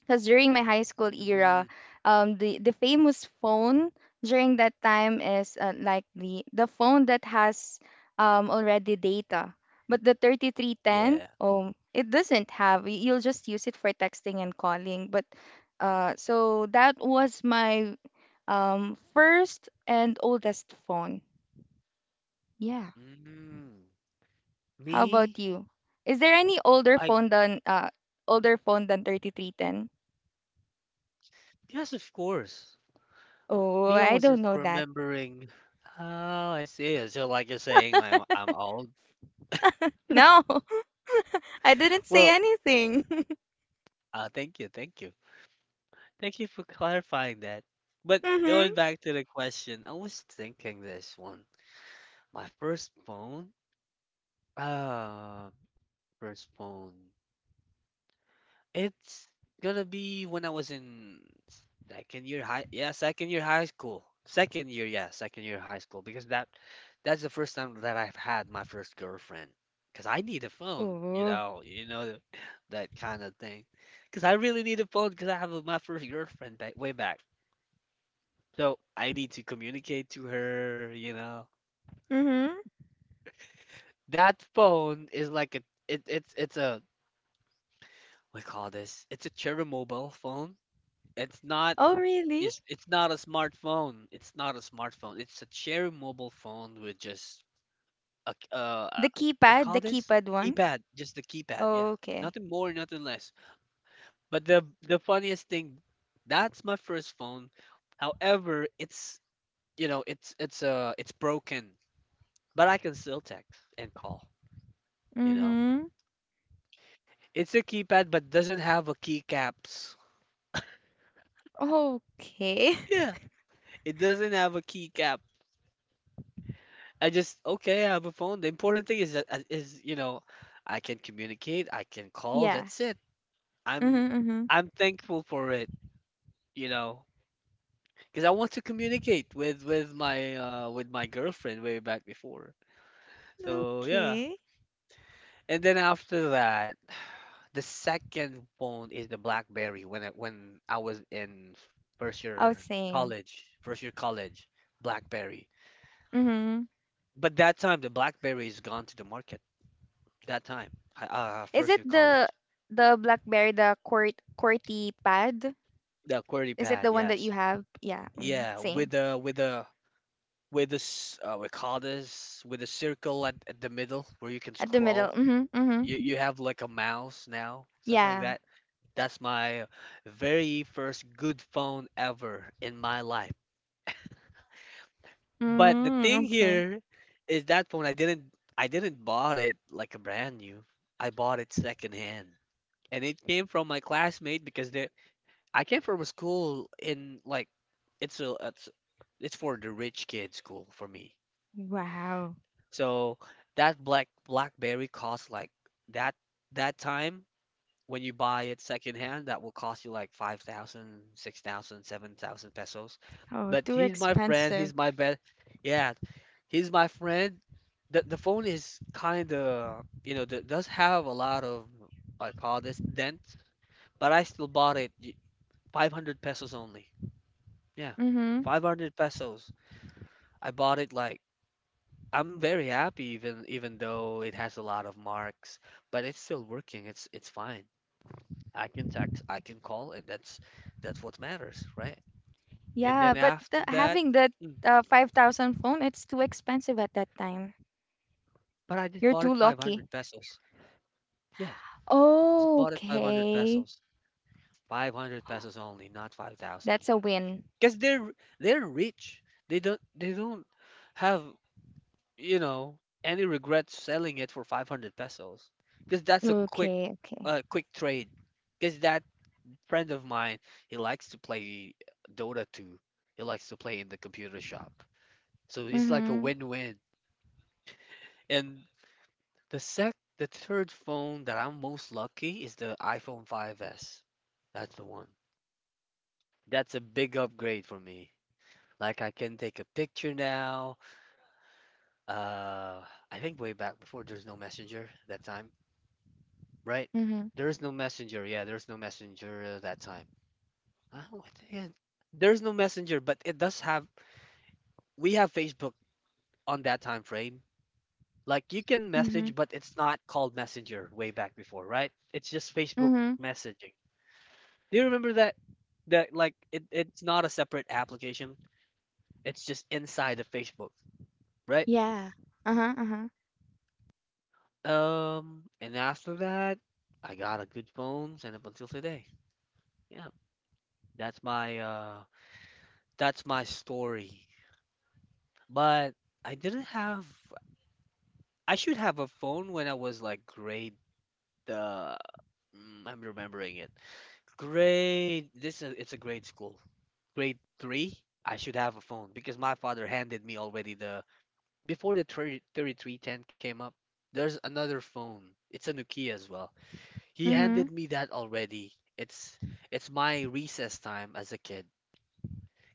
Because during my high school mm, era, the famous phone during that time is like the phone that has already data, but the 3310, yeah. oh, it doesn't have. Y- You'll just use it for texting and calling. But So that was my first and oldest phone. Yeah. Mm. How about Me? you? Is there any older I, phone than uh older phone than 3310? yes, of course. Oh, Me, I I was don't just know that. remembering. Oh, I see. So, like you're saying, I'm old. No. I didn't say Well, anything. Thank you, thank you. Thank you for clarifying that. But going Mhm. back to the question, I was thinking this one. My first phone? Uh, first phone. It's gonna be when I was in second year high, yeah, second year high school. Second year, yeah, second year high school because that's the first time that I've had my first girlfriend. Because I need a phone, Oh. You know that kind of thing. Because I really need a phone. Because I have my first girlfriend back, way back. So I need to communicate to her, you know. Mhm. That phone is like a it's a we call this? It's a cherry mobile phone. It's not Oh, really? It's not a smartphone. It's not a smartphone. It's a cherry mobile phone with just a, we call The this, keypad one. keypad, just the keypad, yeah. Okay. Nothing more, nothing less. But the funniest thing, that's my first phone. However, it's broken, but I can still text and call. You know, Mhm. it's a keypad but doesn't have a keycaps. Okay. Yeah, it doesn't have a keycap. I just, okay, I have a phone. The important thing is that is you know, I can communicate, I can call. Yeah. That's it. I'm Mhm. I'm thankful for it. You know, because I want to communicate with with my girlfriend way back before. Mhm. So yeah, Okay. and then after that, the second phone is the BlackBerry when I was in Oh, same. First year college, BlackBerry. Mhm. But that time the BlackBerry is gone to the market. That time, Is first it year the college, the BlackBerry the QWERTY pad? the QWERTY Is it pad, the one that you yes, have? Yeah. Mm, yeah, same. With this we call this, with a circle at the middle where you can At the middle. scroll. Mhm. You Mhm. you have like a mouse now, something like Yeah. that. That's my very first good phone ever in my life. But the Mm, thing okay. here is that phone I didn't bought it like a brand new. I bought it secondhand. And it came from my classmate because they I came from a school in like it's a it's it's for the rich kid school for me. Wow. So that black BlackBerry cost like that that time, when you buy it secondhand, that will cost you like 5,000, 6,000, 7,000 pesos. Oh, But too he's my friend. expensive. He's my best. Yeah, he's my friend. The phone is kind of, you know, th does have a lot of, I call this, dent, but I still bought it 500 pesos only. Yeah, Mm-hmm. 500 pesos. I bought it like I'm very happy even even though it has a lot of marks, but it's still working. It's fine. I can text, I can call, and that's what matters, right? And then Yeah, but after that, having that mm, uh, 5,000 phone, it's too expensive at that time. but I just You're bought it too 500 lucky. pesos. Yeah, just bought it 500 Okay. pesos. 500 pesos only, not 5,000. That's a win. Because they're rich. They don't have, you know, any regrets selling it for 500 pesos. Because that's a quick Okay. Quick trade. Because that friend of mine, he likes to play Dota 2. He likes to play in the computer shop. So it's like a Mm-hmm. win-win. And the third phone that I'm most lucky is the iPhone 5S. That's the one. That's a big upgrade for me. Like I can take a picture now. Uh, I think way back before there's no messenger that time, right? Mm-hmm. There's no messenger. Yeah, there's no messenger that time. Oh, there's no messenger, but it does have we have Facebook on that time frame. Like you can Mm-hmm. message, but it's not called Messenger way back before, right? It's just Facebook Mm-hmm. messaging. Do you remember that? That like it's not a separate application. It's just inside of Facebook, right? Yeah. Uh-huh. Uh-huh. And after that, I got a good phone, and up until today, yeah, that's my story. But I didn't have. I should have a phone when I was like grade. Uh, I'm remembering it. Grade. This is it's a grade school. Grade three, I should have a phone because my father handed me already the before the thirty thirty three ten came up. There's another phone. It's a Nokia as well. He Mm-hmm. handed me that already. It's my recess time as a kid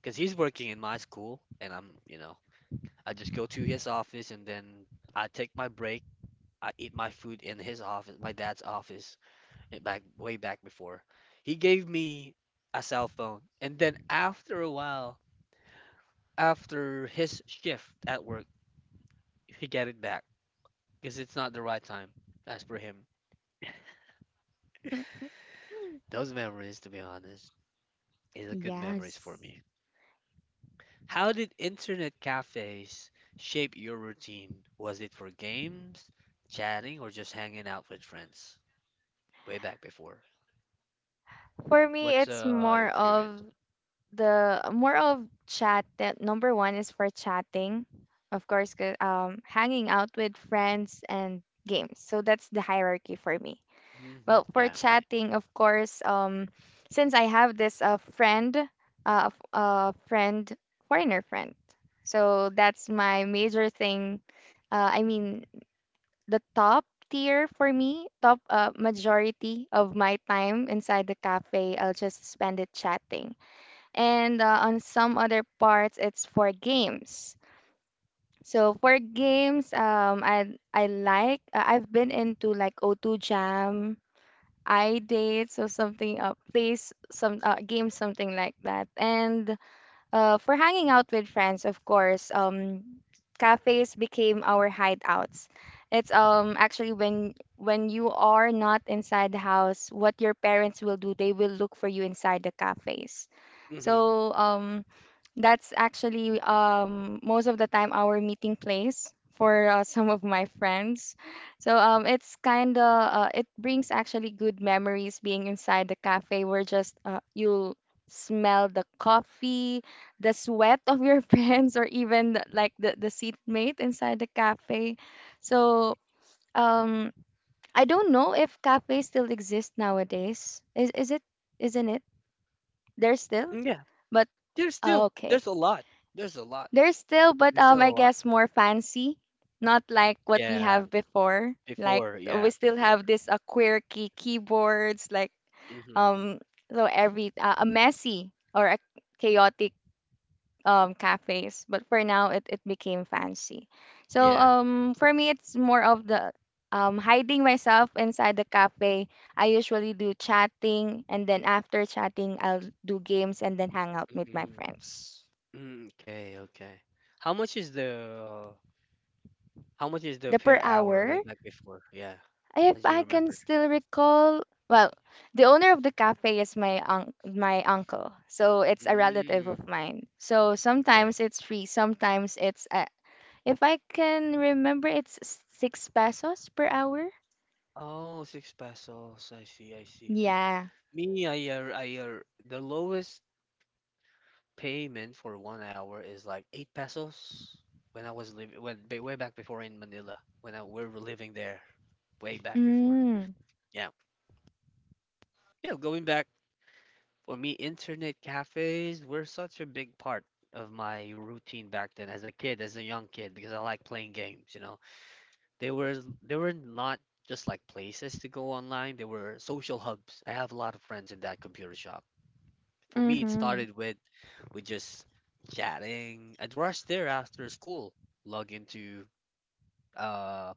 because he's working in my school and I'm you know I just go to his office and then I take my break. I eat my food in his office, my dad's office, back way back before. He gave me a cell phone and then after a while, after his shift at work, he get it back because it's not the right time. As for him, those memories, to be honest, is a good memories for Yes. me. How did internet cafes shape your routine? Was it for games, chatting, or just hanging out with friends? Way back before. For me, What's it's your more experience? of the more of chat. That number one is for chatting, of course, 'cause, hanging out with friends and games. So that's the hierarchy for me. Hmm, Well, for yeah, right. chatting, of course, since I have this uh, friend, foreigner friend. So that's my major thing. I mean, the top tier for me, top majority of my time inside the cafe, I'll just spend it chatting. And, on some other parts, it's for games. So for games, I like I've been into like 0 Jam, I dates or something plays some game something like that. And for hanging out with friends, of course, cafes became our hideouts. It's actually when you are not inside the house, what your parents will do, they will look for you inside the cafes. Hmm, So that's actually most of the time our meeting place for some of my friends. So it's kind of it brings actually good memories being inside the cafe where just you smell the coffee, the sweat of your friends, or even the- like the seatmate inside the cafe. So um, I don't know if cafes still exist nowadays. Is it? Isn't it? There's still, yeah, but there's still okay. there's a lot. There's a lot. There's still, but There's still a I lot. guess more fancy, not like what we Yeah, have before. Like before. we Yeah, still have before. this quirky keyboards, like Hmm, um, so every a messy or a chaotic cafes. But for now, it became fancy. So yeah, for me, it's more of the hiding myself inside the cafe. I usually do chatting, and then after chatting, I'll do games and then hang out with my mm-hmm. friends. Okay, okay. How much is the how much is the The per per hour hour like before? Yeah, if as you I can remember. still recall, well, the owner of the cafe is my un- my uncle, so it's a relative of Mm, mine. So okay. sometimes it's free, sometimes it's if I can remember, it's s- 6 pesos per hour. Oh, six pesos. I see, I see. Yeah. Me, I the lowest payment for 1 hour is like 8 pesos when I was living, way back before in Manila when I we were living there way back before. Mm. Yeah, yeah. Going back. For me, internet cafes were such a big part of my routine back then as a kid, as a young kid, because I like playing games, you know. They were not just like places to go online, they were social hubs. I have a lot of friends in that computer shop. For me, it Mhm. started with just chatting. I'd rush there after school, log into uh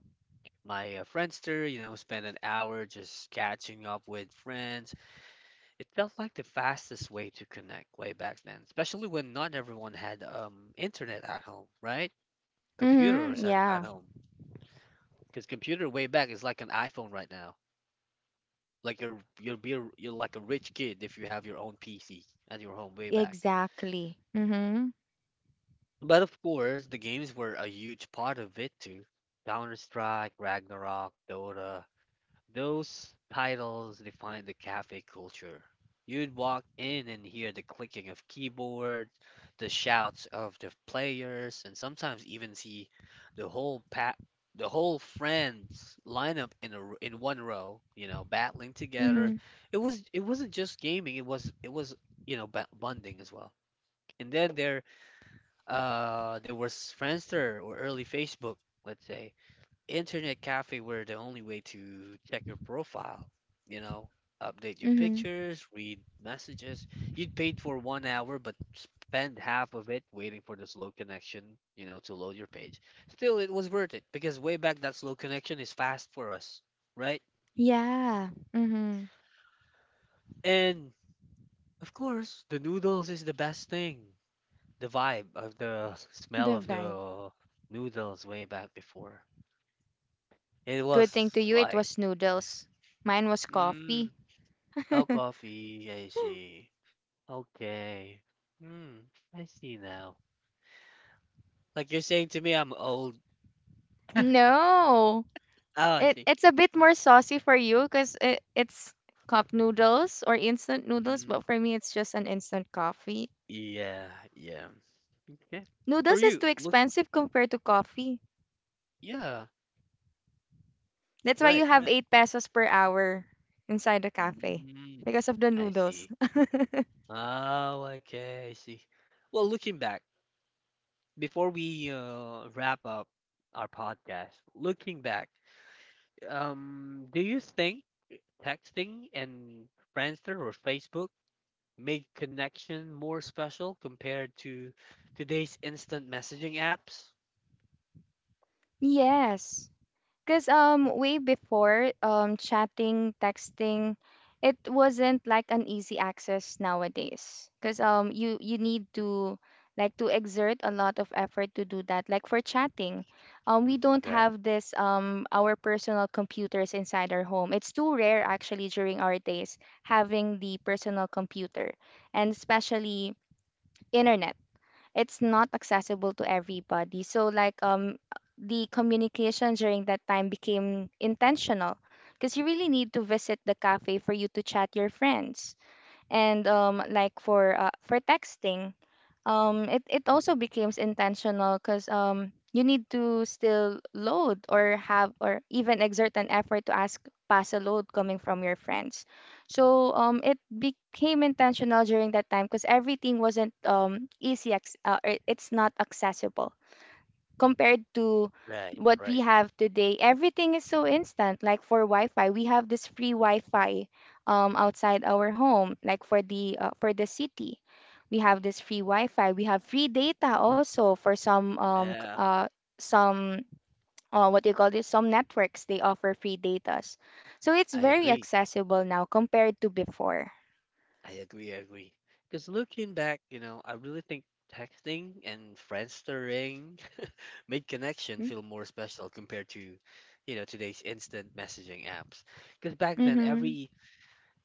my Friendster, spend an hour just catching up with friends. It felt like the fastest way to connect way back then, especially when not everyone had internet at home, right? Computers Mhm. at Yeah. home. Because computer way back is like an iPhone right now. Like you're like a rich kid if you have your own PC at your home way back. Exactly. Mhm. But of course, the games were a huge part of it too. Counter-Strike, Ragnarok, Dota. Those titles defined the cafe culture. You'd walk in and hear the clicking of keyboards, the shouts of the players, and sometimes even see the whole pa- the whole friends line up in one row, battling together. Mhm. It wasn't just gaming, it was bonding as well. And then there was Friendster or early Facebook. Let's say internet cafe were the only way to check your profile, you know, update your Mhm. pictures, read messages. You'd paid for 1 hour, but spend half of it waiting for the slow connection, to load your page. Still, it was worth it because way back that slow connection is fast for us, right? Yeah. Mhm. And of course, the noodles is the best thing. The vibe of the smell The of vibe. the noodles way back before. It Good thing to was you, it like, was noodles. Mine was coffee. mm. Oh, coffee. I see. Okay. Hmm. I see now. Like you're saying to me, I'm old. No. Oh, I It see. it's a bit more saucy for you because it, it's cup noodles or instant noodles, Mm. but for me it's just an instant coffee. Yeah. Yeah. Okay. For Noodles is you, too look. expensive compared to coffee. Yeah. That's why you Right. have Right. 8 pesos per hour inside the cafe Mm. because of the I noodles. see. Oh, okay, I see. Well, looking back, before we wrap up our podcast, looking back, do you think texting and Friendster or Facebook make connection more special compared to today's instant messaging apps. Yes. Because way before chatting, texting, it wasn't like an easy access nowadays. Because you you need to like to exert a lot of effort to do that. Like for chatting, we Hmm, don't right. have this our personal computers inside our home. It's too rare actually during our days having the personal computer and especially internet it's not accessible to everybody. So like the communication during that time became intentional because you really need to visit the cafe for you to chat your friends and for texting it also becomes intentional because you need to still load or have or even exert an effort to ask pass a load coming from your friends, so it became intentional during that time because everything wasn't easy acc- it- it's not accessible compared to Right, what we right. have today, everything is so instant. Like for Wi-Fi, we have this free Wi-Fi, outside our home. Like for the city, we have this free Wi-Fi. We have free data also for some um c- Yeah, uh some uh, What do you call this? Some networks they offer free datas, so it's I very agree. accessible now compared to before. I agree. I agree. Because looking back, I really think texting and friendstering made connection feel more special compared to, today's instant messaging apps. Because back then, Mm-hmm. every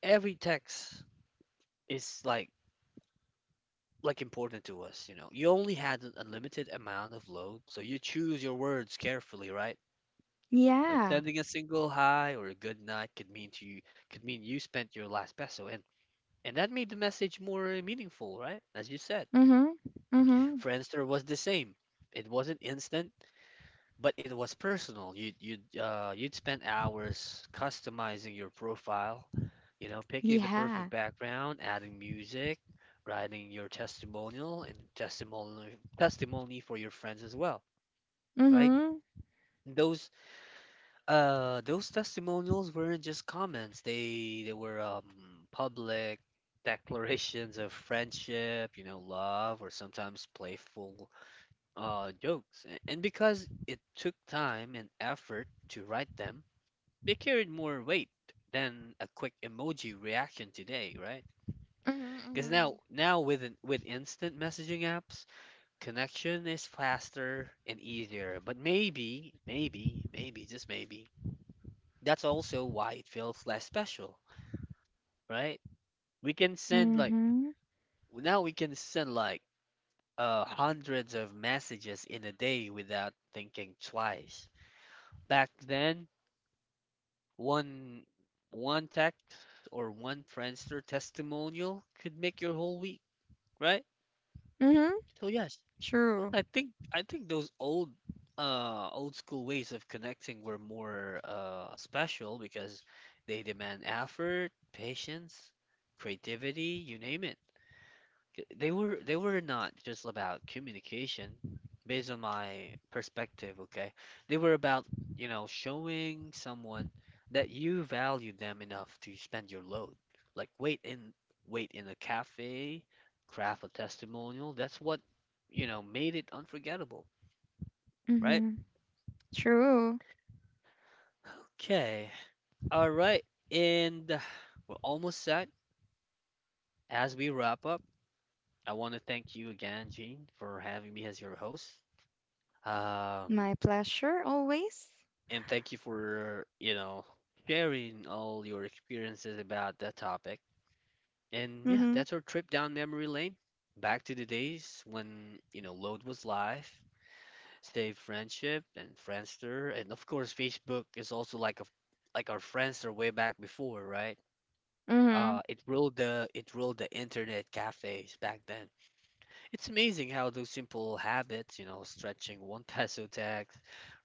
every text is like important to us. You only had an unlimited amount of load, so you choose your words carefully, right? Like Yeah. sending a single hi or a good night could mean to you could mean you spent your last peso, and that made the message more meaningful, right? As you said. Mm-hmm. Mm-hmm. Friendster was the same. It wasn't instant, but it was personal. You'd spend hours customizing your profile, picking the perfect Yeah. background, adding music, writing your testimonial and testimony for your friends as well, right? Mm-hmm. Those those testimonials weren't just comments. They were public declarations of friendship, love, or sometimes playful jokes. And because it took time and effort to write them, they carried more weight than a quick emoji reaction today, right? Mm-hmm. Because Mm-hmm. now with instant messaging apps, connection is faster and easier. But maybe, maybe, maybe, just maybe that's also why it feels less special, right? We can send like Mm-hmm. now we can send hundreds of messages in a day without thinking twice. Back then, one one text or one Friendster testimonial could make your whole week, right? Mm-hmm. So yes, True. I think those old old school ways of connecting were more special because they demand effort, patience, creativity, you name it. They were not just about communication based on my perspective, okay? They were about, showing someone that you value them enough to spend your load, like wait in a cafe, craft a testimonial. That's what, made it unforgettable, right? Mm-hmm. True. Okay, all right. And we're almost set. As we wrap up, I want to thank you again, Gene, for having me as your host. um My pleasure always. and thank you for, sharing all your experiences about that topic. And yeah, Mm-hmm. that's our trip down memory lane. Back to the days when, load was live, save Friendship and Friendster, and of course Facebook is also like our Friendster way back before, right? Mm-hmm. It ruled the internet cafes back then. It's amazing how those simple habits, stretching one peso tax,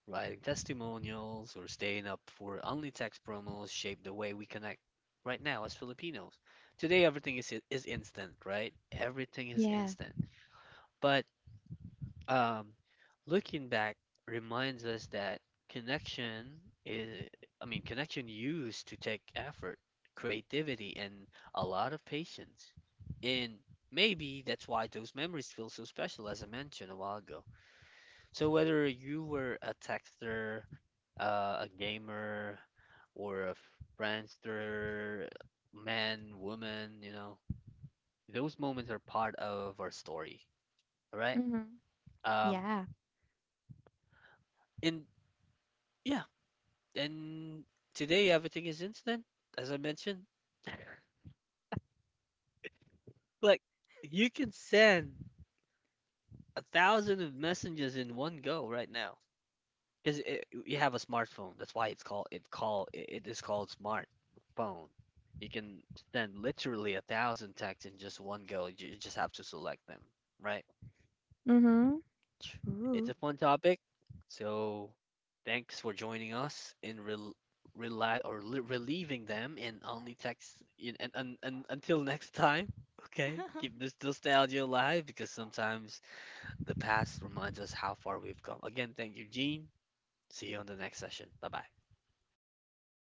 writing testimonials, or staying up for only tax promos shape the way we connect right now as Filipinos. Today, everything is instant, right? Everything is Yeah. instant. But um, looking back reminds us that connection is, I mean, connection used to take effort, creativity, and a lot of patience. And maybe that's why those memories feel so special, as I mentioned a while ago. So whether you were a texter, a gamer, or a friendster, man, woman, those moments are part of our story, all right? Mm-hmm. Um, Yeah. and yeah, and today everything is instant, as I mentioned. Like you can send a thousand of messages in one go right now because you have a smartphone. That's why it's called it call it it is called smartphone. You can send literally a thousand texts in just one go. You just have to select them, right? Mm-hmm. It's True. a fun topic. So, thanks for joining us in rel rela or li relieving them in only text in, and until next time. Okay, keep this nostalgia alive because sometimes the past reminds us how far we've come. Again, thank you, Gene. See you on the next session. Bye bye. Bye.